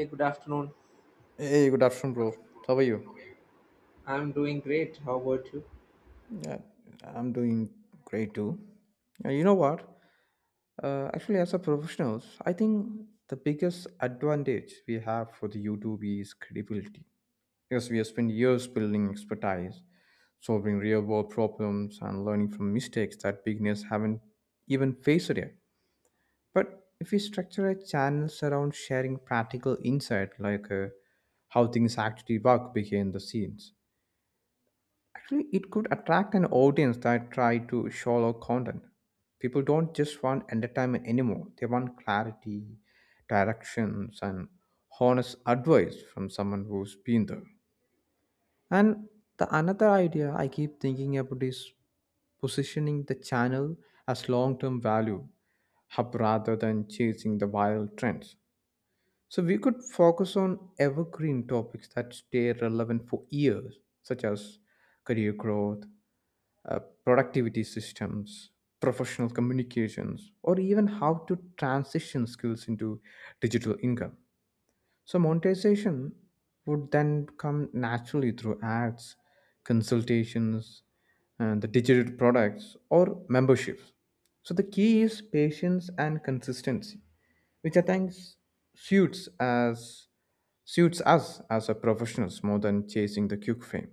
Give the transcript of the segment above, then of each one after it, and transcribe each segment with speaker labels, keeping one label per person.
Speaker 1: Hey, good afternoon.
Speaker 2: Hey, good afternoon, bro. How are you?
Speaker 1: I'm doing great. How about you?
Speaker 2: Yeah, I'm doing great too. You know what? Actually, as a professionals, I think the biggest advantage we have for the YouTube is credibility. Because we have spent years building expertise, solving real-world problems, and learning from mistakes that beginners haven't even faced yet. But if we structure our channels around sharing practical insight, like how things actually work behind the scenes. Actually, it could attract an audience that try to shallow content. People don't just want entertainment anymore. They want clarity, directions, and honest advice from someone who's been there. And the another idea I keep thinking about is positioning the channel as long-term value hub rather than chasing the viral trends. So we could focus on evergreen topics that stay relevant for years, such as career growth, uh, productivity systems, professional communications, or even how to transition skills into digital income. So monetization would then come naturally through ads, consultations, and the digital products or memberships. So the key is patience and consistency which I think suits as suits us as a professionals more than chasing the quick fame.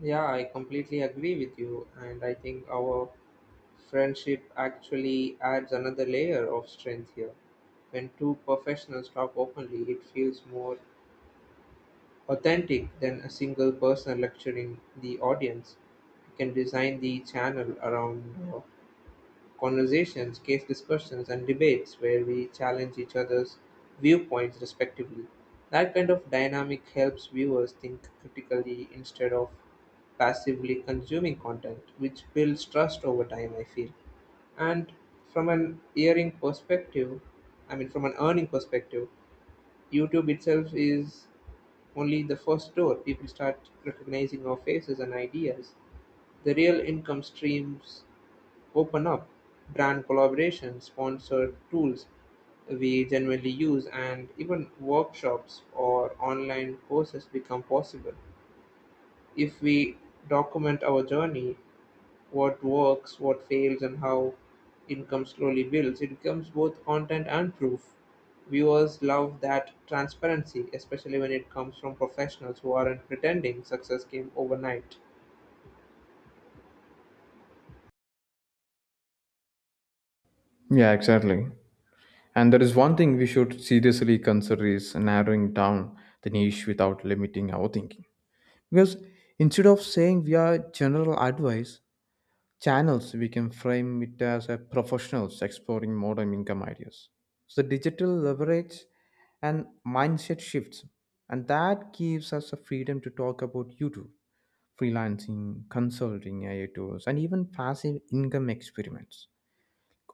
Speaker 1: Yeah, I completely agree with you. And I think our friendship actually adds another layer of strength here. When two professionals talk openly, it feels more authentic than a single person lecturing the audience. You can design the channel around conversations, case discussions, and debates where we challenge each other's viewpoints respectively. That kind of dynamic helps viewers think critically instead of passively consuming content, which builds trust over time, I feel. And from an earning perspective, I mean, from an earning perspective, YouTube itself is only the first door. People start recognizing our faces and ideas. The real income streams open up brand collaborations, sponsor tools we genuinely use, and even workshops or online courses become possible if we document our journey, what works, what fails, and how income slowly builds. It becomes both content and proof. Viewers love that transparency, especially when it comes from professionals who aren't pretending success came overnight.
Speaker 2: Yeah, exactly. And there is one thing we should seriously consider is narrowing down the niche without limiting our thinking. Because instead of saying we are general advice channels, we can frame it as a professionals exploring modern income ideas. So digital leverage and mindset shifts, and that gives us the freedom to talk about YouTube freelancing, consulting, AI tools, and even passive income experiments,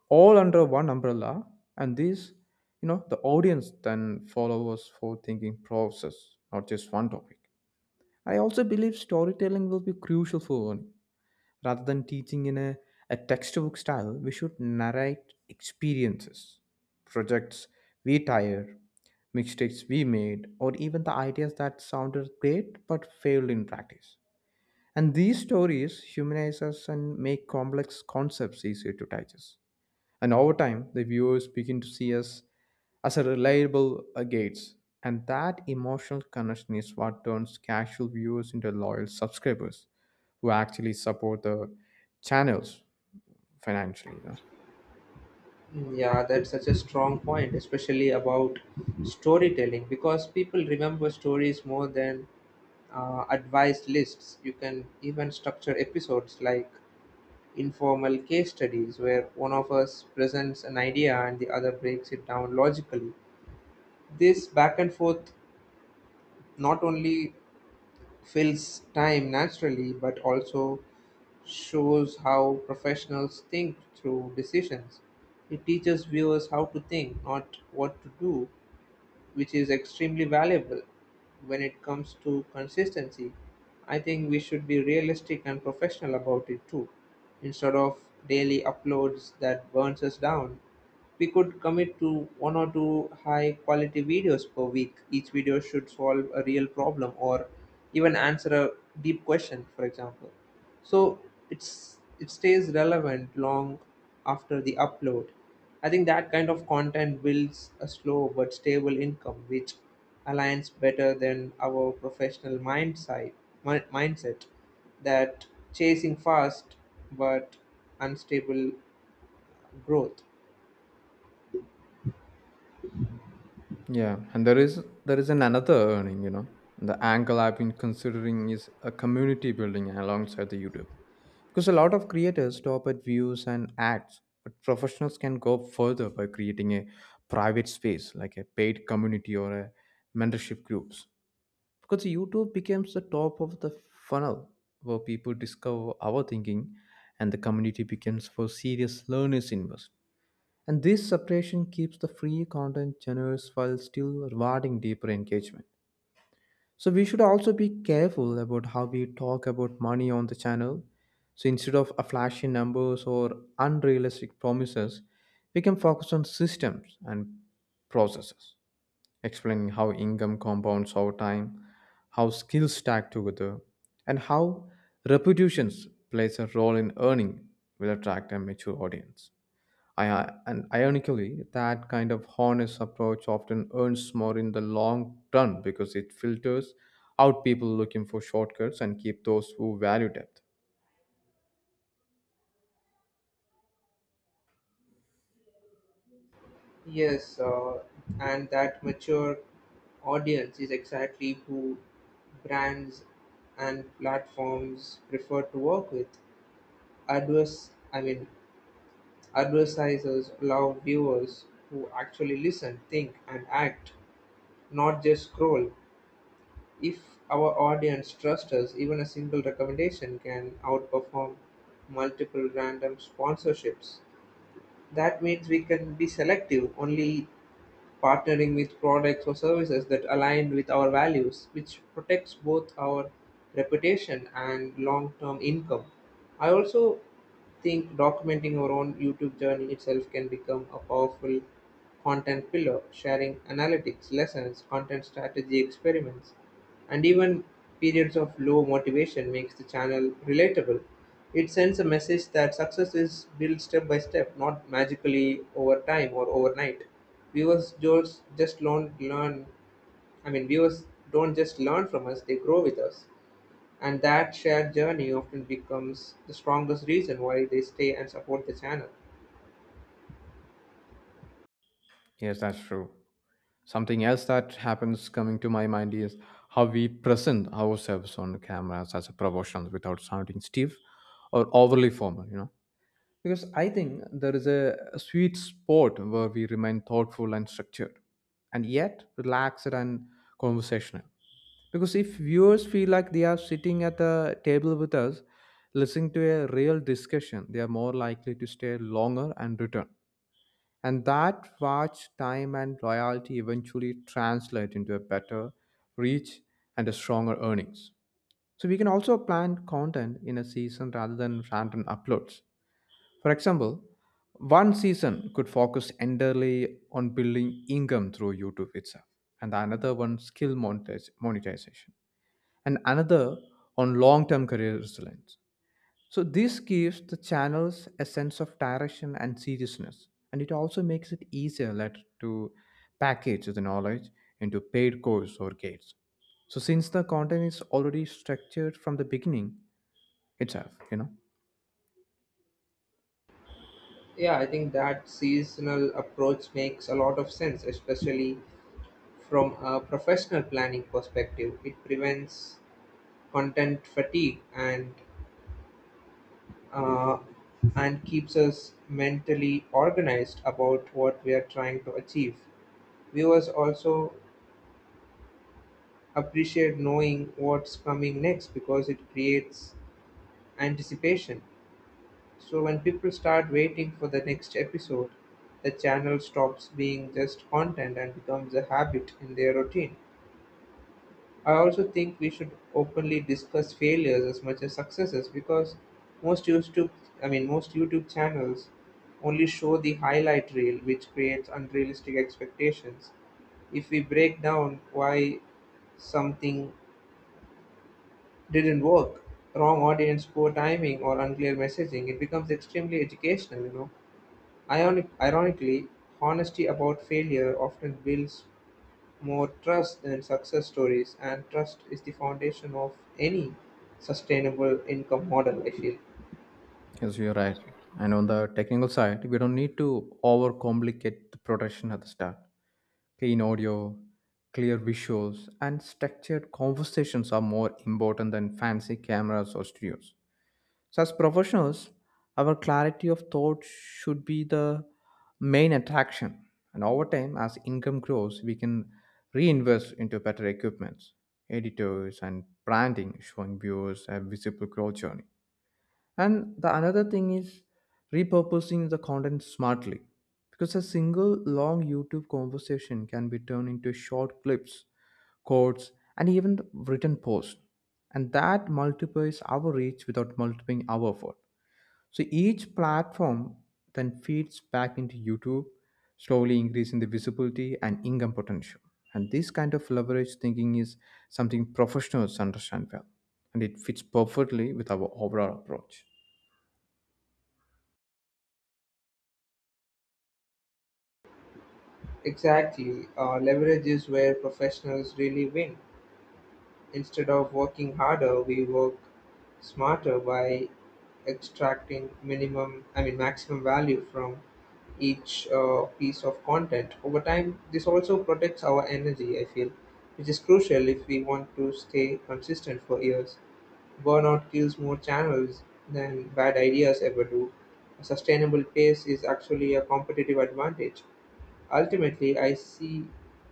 Speaker 2: all under one umbrella. And this, the audience then follows for thinking process, not just one topic. I also believe storytelling will be crucial for learning. Rather than teaching in a textbook style, we should narrate experiences, projects we tired, mistakes we made, or even the ideas that sounded great but failed in practice. And these stories humanize us and make complex concepts easier to digest. And over time, the viewers begin to see us as a reliable gates. And that emotional connection is what turns casual viewers into loyal subscribers who actually support the channels financially.
Speaker 1: Yeah, that's such a strong point, especially about storytelling, because people remember stories more than advice lists. You can even structure episodes like informal case studies where one of us presents an idea and the other breaks it down logically. This back and forth not only fills time naturally but also shows how professionals think through decisions. It teaches viewers how to think, not what to do, which is extremely valuable when it comes to consistency. I think we should be realistic and professional about it too. Instead of daily uploads that burns us down, we could commit to one or two high quality videos per week. Each video should solve a real problem or even answer a deep question, for example, so it stays relevant long after the upload. I think that kind of content builds a slow but stable income which aligns better than our professional mindset mindset that chasing fast but unstable growth.
Speaker 2: Yeah, and there is an another earning. The angle I've been considering is a community building alongside the YouTube. Because a lot of creators stop at views and ads, but professionals can go further by creating a private space like a paid community or a mentorship groups. Because YouTube becomes the top of the funnel where people discover our thinking and the community becomes for serious learners invest. And this separation keeps the free content generous while still rewarding deeper engagement. So we should also be careful about how we talk about money on the channel. So instead of a flashy numbers or unrealistic promises, we can focus on systems and processes, explaining how income compounds over time, how skills stack together, and how reputations plays a role in earning will attract a mature audience. And ironically, that kind of honest approach often earns more in the long run because it filters out people looking for shortcuts and keep those who value depth.
Speaker 1: Yes, and that mature audience is exactly who brands and platforms prefer to work with. Adverse, I mean, Advertisers love viewers who actually listen, think, and act, not just scroll. If our audience trusts us, even a single recommendation can outperform multiple random sponsorships. That means we can be selective, only partnering with products or services that align with our values, which protects both our reputation and long term income. I also think documenting our own YouTube journey itself can become a powerful content pillar, sharing analytics, lessons, content strategy experiments, and even periods of low motivation makes the channel relatable. It sends a message that success is built step by step, not magically over time or overnight. Viewers just learn, learn I mean, Viewers don't just learn from us, they grow with us. And that shared journey often becomes the strongest reason why they stay and support the channel.
Speaker 2: Yes, that's true. Something else that happens coming to my mind is how we present ourselves on the cameras as a professional without sounding stiff or overly formal. Because I think there is a sweet spot where we remain thoughtful and structured, and yet relaxed and conversational. Because if viewers feel like they are sitting at the table with us, listening to a real discussion, they are more likely to stay longer and return. And that watch time and loyalty eventually translate into a better reach and a stronger earnings. So we can also plan content in a season rather than random uploads. For example, one season could focus entirely on building income through YouTube itself, and another one skill monetization and another on long term career resilience. So, this gives the channels a sense of direction and seriousness, and it also makes it easier later to package the knowledge into paid course or gates. So, since the content is already structured from the beginning itself.
Speaker 1: Yeah, I think that seasonal approach makes a lot of sense, especially from a professional planning perspective. It prevents content fatigue uh, and keeps us mentally organized about what we are trying to achieve. Viewers also appreciate knowing what's coming next because it creates anticipation. So when people start waiting for the next episode, the channel stops being just content and becomes a habit in their routine. I also think we should openly discuss failures as much as successes because most YouTube most YouTube channels only show the highlight reel, which creates unrealistic expectations. If we break down why something didn't work, wrong audience, poor timing, or unclear messaging, it becomes extremely educational, you know. Ironically, honesty about failure often builds more trust than success stories, and trust is the foundation of any sustainable income model, I feel.
Speaker 2: Yes, you're right. And on the technical side, we don't need to overcomplicate the production at the start. Clean audio, clear visuals, and structured conversations are more important than fancy cameras or studios. So, as professionals, our clarity of thought should be the main attraction. And over time, as income grows, we can reinvest into better equipment, editors, and branding, showing viewers a visible growth journey. And the another thing is repurposing the content smartly because a single long YouTube conversation can be turned into short clips, quotes, and even written posts. And that multiplies our reach without multiplying our effort. So each platform then feeds back into YouTube, slowly increasing the visibility and income potential. And this kind of leverage thinking is something professionals understand well, and it fits perfectly with our overall approach.
Speaker 1: Exactly. Leverage is where professionals really win. Instead of working harder, we work smarter by extracting minimum, I mean maximum value from each piece of content. Over time, this also protects our energy, I feel, which is crucial if we want to stay consistent for years. Burnout kills more channels than bad ideas ever do. A sustainable pace is actually a competitive advantage. Ultimately, I see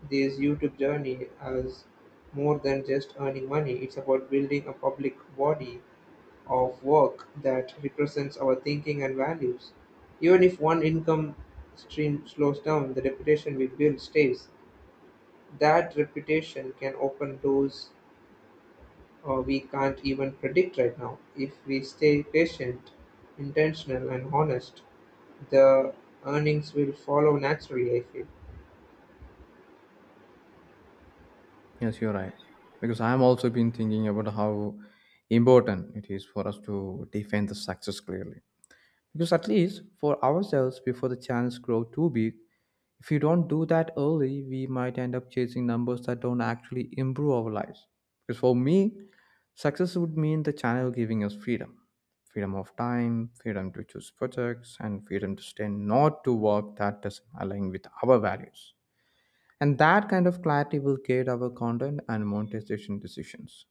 Speaker 1: this YouTube journey as more than just earning money. It's about building a public body of work that represents our thinking and values. Even if one income stream slows down, the reputation we build stays. That reputation can open doors we can't even predict right now. If we stay patient, intentional, and honest, the earnings will follow naturally, I feel.
Speaker 2: Yes, you're right. Because I'm also been thinking about how important it is for us to define the success clearly. Because at least for ourselves, before the chance grow too big, if we don't do that early, we might end up chasing numbers that don't actually improve our lives. Because for me, success would mean the channel giving us freedom. Freedom of time, freedom to choose projects, and freedom to stay not to work that doesn't align with our values. And that kind of clarity will guide our content and monetization decisions.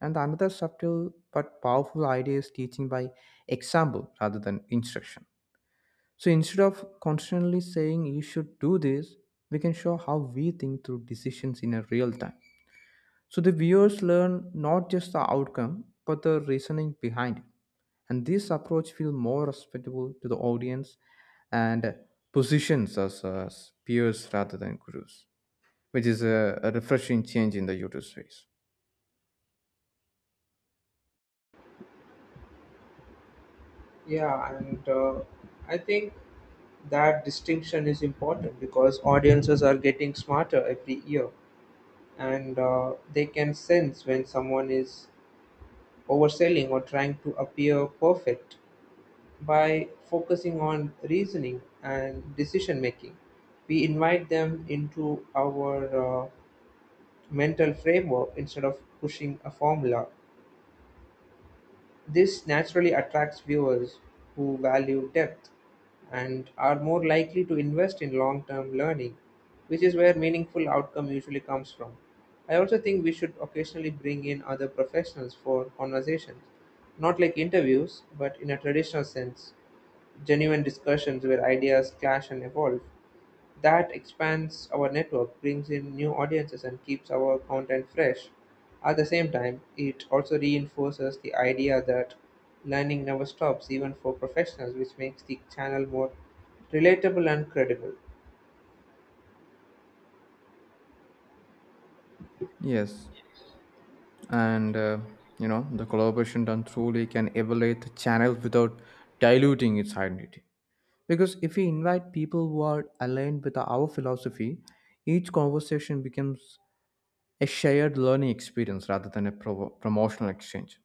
Speaker 2: And another subtle but powerful idea is teaching by example rather than instruction. So instead of constantly saying you should do this, we can show how we think through decisions in a real time. So the viewers learn not just the outcome, but the reasoning behind it. And this approach feels more respectable to the audience and positions us as peers rather than gurus which is a refreshing change in the YouTube space.
Speaker 1: Yeah, and I think that distinction is important because audiences are getting smarter every year, and they can sense when someone is overselling or trying to appear perfect. By focusing on reasoning and decision making, we invite them into our mental framework instead of pushing a formula. This naturally attracts viewers who value depth and are more likely to invest in long term learning, which is where meaningful outcome usually comes from. I also think we should occasionally bring in other professionals for conversations, not like interviews, but in a traditional sense, genuine discussions where ideas clash and evolve. That expands our network, brings in new audiences, and keeps our content fresh. At the same time, it also reinforces the idea that learning never stops, even for professionals, which makes the channel more relatable and credible.
Speaker 2: Yes, and you know the collaboration done truly can elevate the channel without diluting its identity. Because if we invite people who are aligned with our philosophy, each conversation becomes a shared learning experience rather than a provo promotional exchange.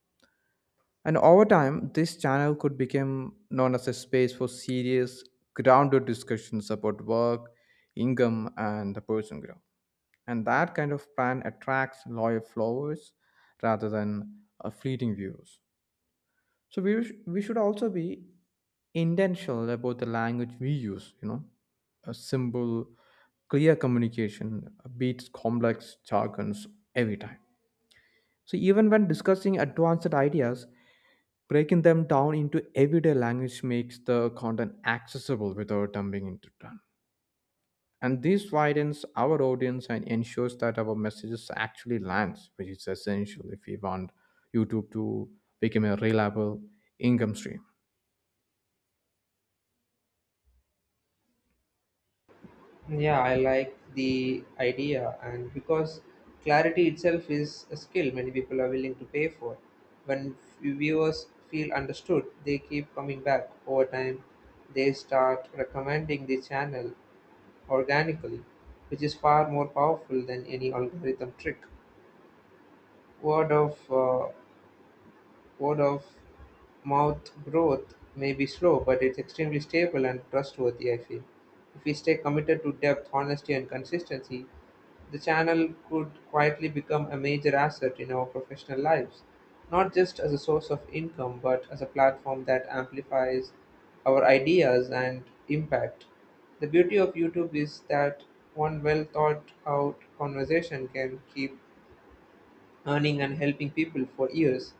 Speaker 2: And over time, this channel could become known as a space for serious, grounded discussions about work, income, and the personal growth. And that kind of plan attracts loyal followers rather than fleeting views. So we should also be intentional about the language we use, a simple, clear communication beats complex jargons every time. So even when discussing advanced ideas, breaking them down into everyday language makes the content accessible without dumping into and this widens our audience and ensures that our messages actually lands which is essential if we want youtube to become a reliable income stream.
Speaker 1: Yeah, I like the idea, and because clarity itself is a skill many people are willing to pay for. When viewers feel understood, they keep coming back. Over time, they start recommending the channel organically, which is far more powerful than any algorithm trick. Word of uh, Word of mouth growth may be slow, but it's extremely stable and trustworthy, I feel. If we stay committed to depth, honesty, and consistency, the channel could quietly become a major asset in our professional lives, not just as a source of income, but as a platform that amplifies our ideas and impact. The beauty of YouTube is that one well thought out conversation can keep earning and helping people for years.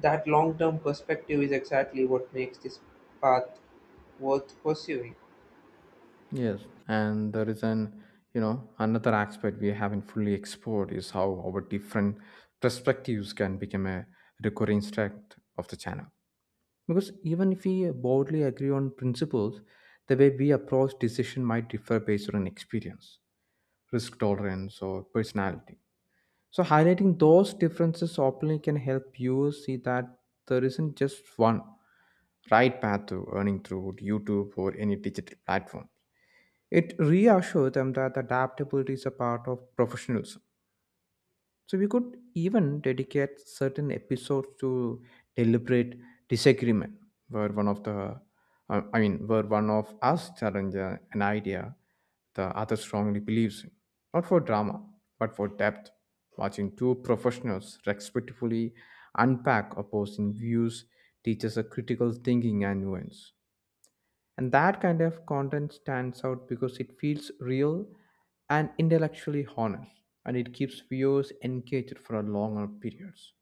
Speaker 1: That long-term perspective is exactly what makes this path worth pursuing.
Speaker 2: Yes, and there is an another aspect we haven't fully explored is how our different perspectives can become a recurring strength of the channel because even if we broadly agree on principles the way we approach decision might differ based on experience risk tolerance or personality. So highlighting those differences openly can help you see that there isn't just one right path to earning through YouTube or any digital platform. It reassures them that adaptability is a part of professionalism. So we could even dedicate certain episodes to deliberate disagreement, where one of the, I mean, where one of us challenges an idea the other strongly believes in, not for drama, but for depth. Watching two professionals respectfully unpack opposing views teaches a critical thinking and nuance. And that kind of content stands out because it feels real and intellectually honest, and it keeps viewers engaged for a longer periods.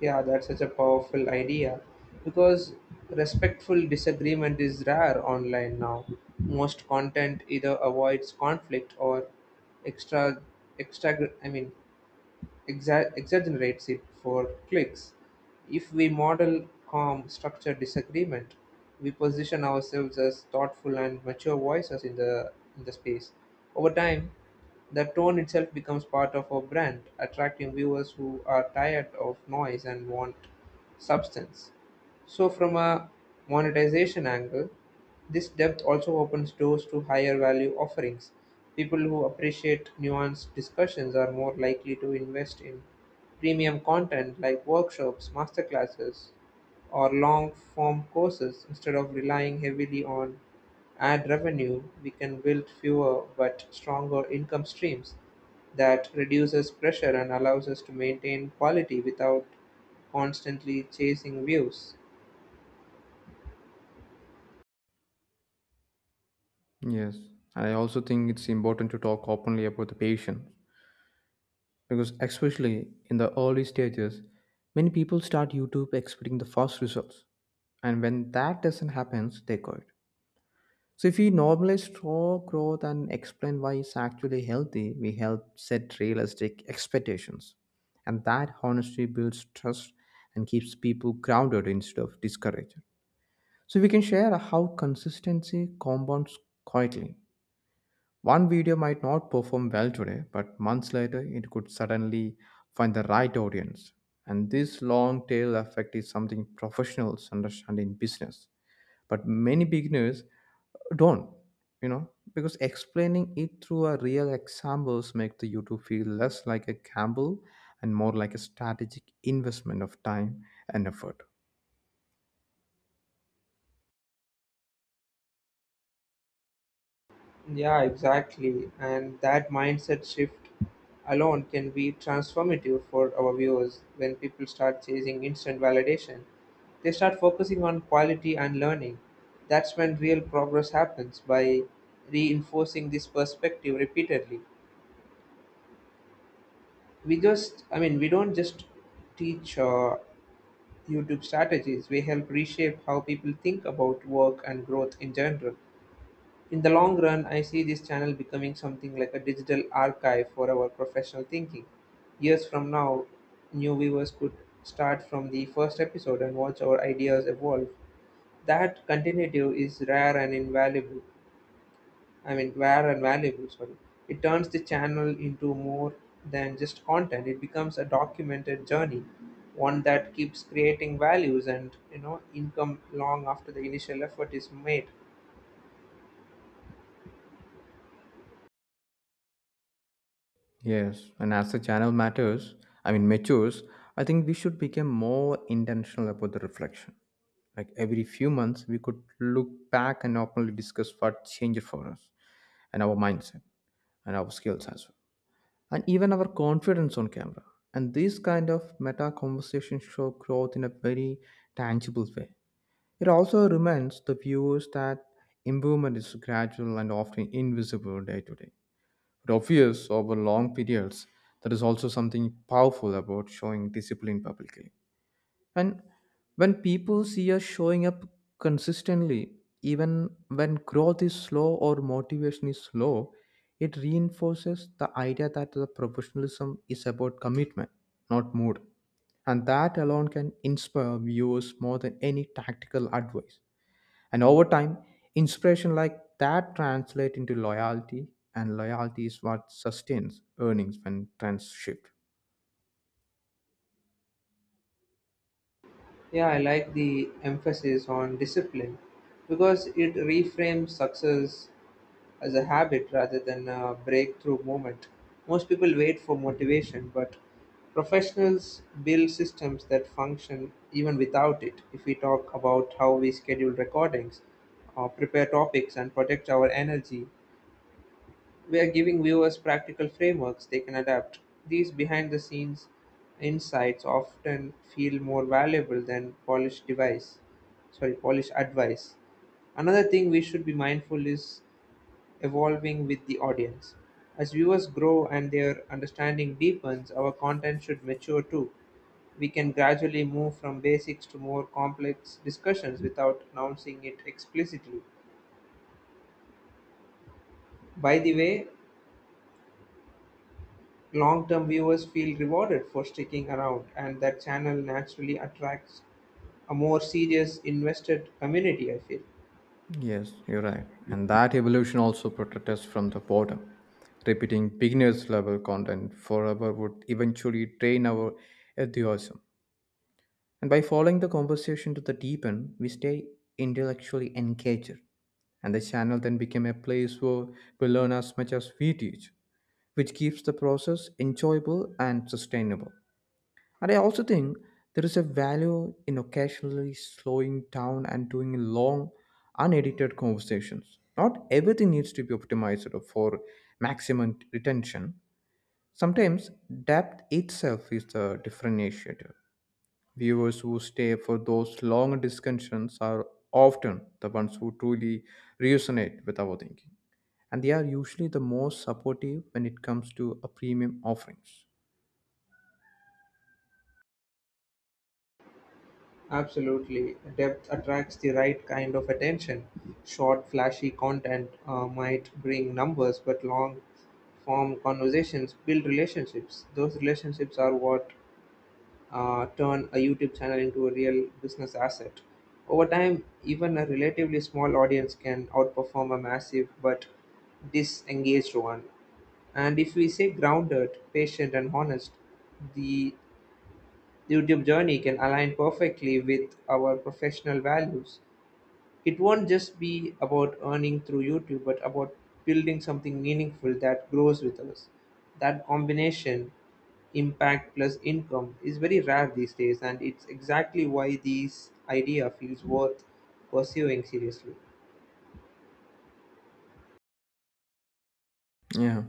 Speaker 1: Yeah, that's such a powerful idea because respectful disagreement is rare online now. Most content either avoids conflict or extra extra I mean exa- exaggerates it for clicks. If we model calm, structured disagreement, we position ourselves as thoughtful and mature voices in the space. Over time, the tone itself becomes part of our brand, attracting viewers who are tired of noise and want substance. So, from a monetization angle, this depth also opens doors to higher value offerings. People who appreciate nuanced discussions are more likely to invest in premium content like workshops, masterclasses, or long form courses instead of relying heavily on ad revenue. We can build fewer but stronger income streams that reduces pressure and allows us to maintain quality without constantly chasing views.
Speaker 2: Yes, I also think it's important to talk openly about the patient because, especially in the early stages, many people start YouTube expecting the fast results, and when that doesn't happen, they quit. So if we normalize raw growth and explain why it's actually healthy, we help set realistic expectations. And that honesty builds trust and keeps people grounded instead of discouraged. So we can share how consistency compounds quietly. One video might not perform well today, but months later it could suddenly find the right audience. And this long tail effect is something professionals understand in business. But many beginners don't you know because explaining it through a real examples make the youtube feel less like a gamble and more like a strategic investment of time and effort.
Speaker 1: Yeah, exactly. And that mindset shift alone can be transformative for our viewers. When people start chasing instant validation, they start focusing on quality and learning. That's when real progress happens. By reinforcing this perspective repeatedly, we don't just teach YouTube strategies, we help reshape how people think about work and growth in general. In the long run, I see this channel becoming something like a digital archive for our professional thinking. Years from now, new viewers could start from the first episode and watch our ideas evolve. That continuity is rare and invaluable. I mean, rare and valuable, sorry. It turns the channel into more than just content. It becomes a documented journey, one that keeps creating values and, you know, income long after the initial effort is made.
Speaker 2: Yes, and as the channel matters I mean matures, I think we should become more intentional about the reflection, like every few months we could look back and openly discuss what changed for us and our mindset and our skills as well and even our confidence on camera. And these kind of meta conversations show growth in a very tangible way. It also reminds the viewers that improvement is gradual and often invisible day to day, but obvious over long periods. That is also something powerful about showing discipline publicly. And when people see us showing up consistently, even when growth is slow or motivation is low, it reinforces the idea that the professionalism is about commitment, not mood. And that alone can inspire viewers more than any tactical advice. And over time, inspiration like that translates into loyalty, and loyalty is what sustains earnings when trends shift.
Speaker 1: Yeah, I like the emphasis on discipline because it reframes success as a habit rather than a breakthrough moment. Most people wait for motivation, but professionals build systems that function even without it. If we talk about how we schedule recordings, or prepare topics, and protect our energy, we are giving viewers practical frameworks they can adapt. These behind the scenes insights often feel more valuable than polished advice. Another thing we should be mindful is evolving with the audience. As viewers grow and their understanding deepens, our content should mature too. We can gradually move from basics to more complex discussions without announcing it explicitly. By the way, long-term viewers feel rewarded for sticking around and that channel naturally attracts a more serious invested community, I feel.
Speaker 2: Yes, you're right. And that evolution also protects us from the boredom. Repeating beginners level content forever would eventually drain our enthusiasm. And by following the conversation to the deep end, we stay intellectually engaged. And the channel then became a place where we learn as much as we teach, which keeps the process enjoyable and sustainable. And I also think there is a value in occasionally slowing down and doing long, unedited conversations. Not everything needs to be optimized for maximum retention. Sometimes depth itself is the differentiator. Viewers who stay for those long discussions are often the ones who truly resonate with our thinking. And they are usually the most supportive when it comes to a premium offerings.
Speaker 1: Absolutely. Depth attracts the right kind of attention. Short, flashy content might bring numbers, but long form conversations build relationships. Those relationships are what turn a YouTube channel into a real business asset. Over time, even a relatively small audience can outperform a massive but disengaged one. And if we stay grounded, patient, and honest, the YouTube journey can align perfectly with our professional values. It won't just be about earning through YouTube, but about building something meaningful that grows with us. That combination, impact plus income, is very rare these days, and it's exactly why this idea feels worth pursuing seriously.
Speaker 2: Yeah,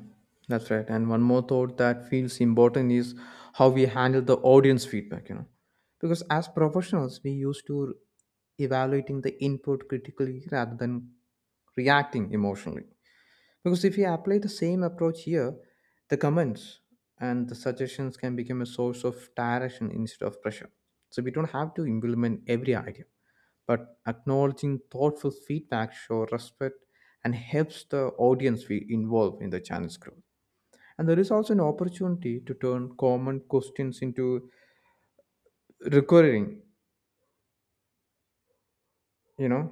Speaker 2: that's right. And one more thought that feels important is how we handle the audience feedback. Because as professionals, we used to evaluating the input critically rather than reacting emotionally. Because if we apply the same approach here, the comments and the suggestions can become a source of direction instead of pressure. So we don't have to implement every idea, but acknowledging thoughtful feedback shows respect and helps the audience be involved in the channel's growth. And there is also an opportunity to turn common questions into recurring, you know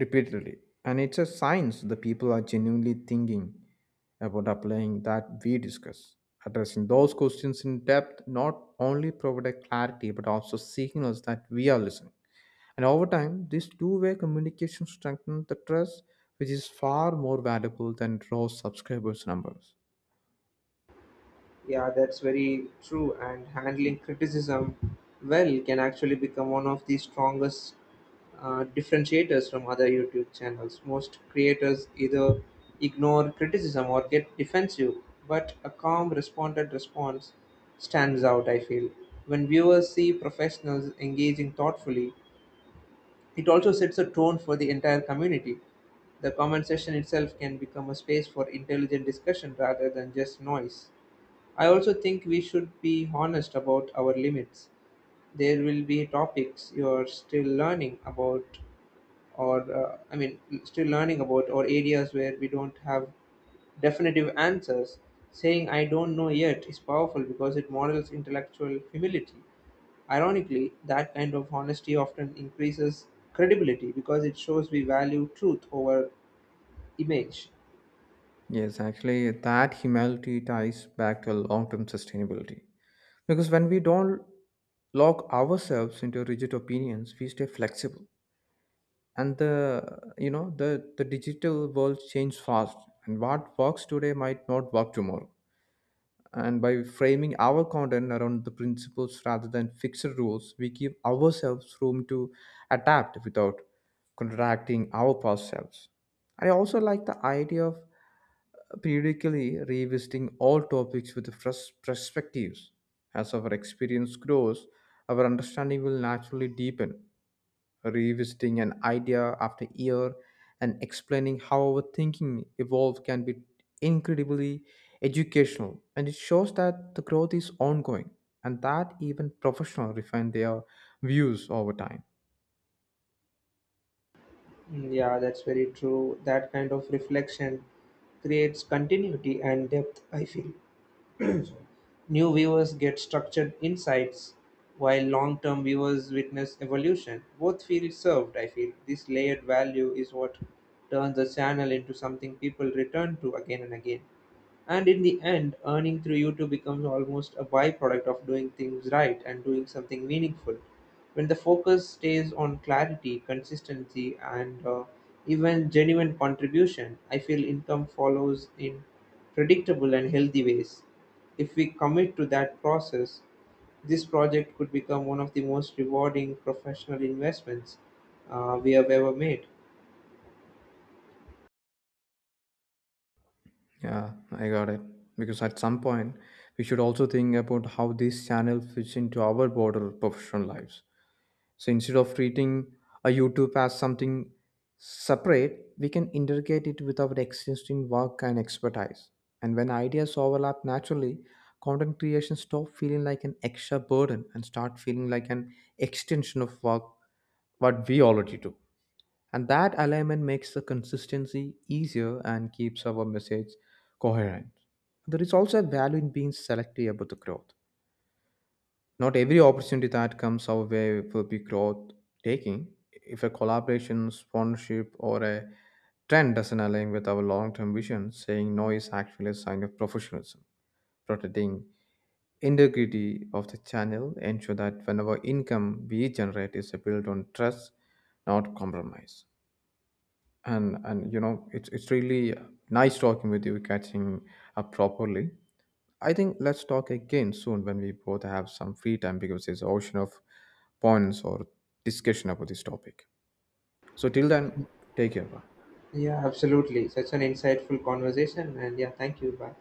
Speaker 2: repeatedly. And it's a science the people are genuinely thinking about applying that we discuss. Addressing those questions in depth not only provide clarity but also signals that we are listening. And over time this two-way communication strengthens the trust, which is far more valuable than raw subscribers numbers.
Speaker 1: Yeah, that's very true. And handling criticism well can actually become one of the strongest differentiators from other YouTube channels. Most creators either ignore criticism or get defensive, but a calm, responded response stands out, I feel. When viewers see professionals engaging thoughtfully, it also sets a tone for the entire community. The comment section itself can become a space for intelligent discussion rather than just noise. I also think we should be honest about our limits. There will be topics you're still learning about, still learning about, or areas where we don't have definitive answers. Saying I don't know yet is powerful because it models intellectual humility. Ironically, that kind of honesty often increases credibility because it shows we value truth over image.
Speaker 2: Yes, actually, that humility ties back to long-term sustainability. Because when we don't lock ourselves into rigid opinions, we stay flexible. And the you know the digital world changes fast, and what works today might not work tomorrow. And by framing our content around the principles rather than fixed rules, we give ourselves room to adapt without contracting our past selves. I also like the idea of periodically revisiting all topics with fresh perspectives. As our experience grows, our understanding will naturally deepen. Revisiting an idea after year and explaining how our thinking evolved can be incredibly educational, and it shows that the growth is ongoing and that even professionals refine their views over time.
Speaker 1: Mm, yeah, that's very true. That kind of reflection creates continuity and depth, I feel. New viewers get structured insights, while long term viewers witness evolution. Both feel served, I feel. This layered value is what turns the channel into something people return to again and again. And in the end, earning through YouTube becomes almost a byproduct of doing things right and doing something meaningful. When the focus stays on clarity, consistency, and even genuine contribution, I feel income follows in predictable and healthy ways. If we commit to that process, this project could become one of the most rewarding professional investments we have ever made.
Speaker 2: Yeah, I got it. Because at some point we should also think about how this channel fits into our broader professional lives. So instead of treating a YouTube as something separate, we can integrate it with our existing work and expertise. And when ideas overlap naturally, content creation stop feeling like an extra burden and start feeling like an extension of work what we already do. And that alignment makes the consistency easier and keeps our message coherent. There is also a value in being selective about the growth. Not every opportunity that comes our way will be growth taking. If a collaboration, sponsorship, or a trend doesn't align with our long term vision, saying no is actually a sign of professionalism. Protecting integrity of the channel, ensure that whenever income we generate is built on trust, not compromise. And it's really nice talking with you, catching up properly. I think let's talk again soon when we both have some free time because there's an ocean of points or discussion about this topic. So till then, take care. Bye.
Speaker 1: Yeah, absolutely, such an insightful conversation. And yeah, thank you. Bye.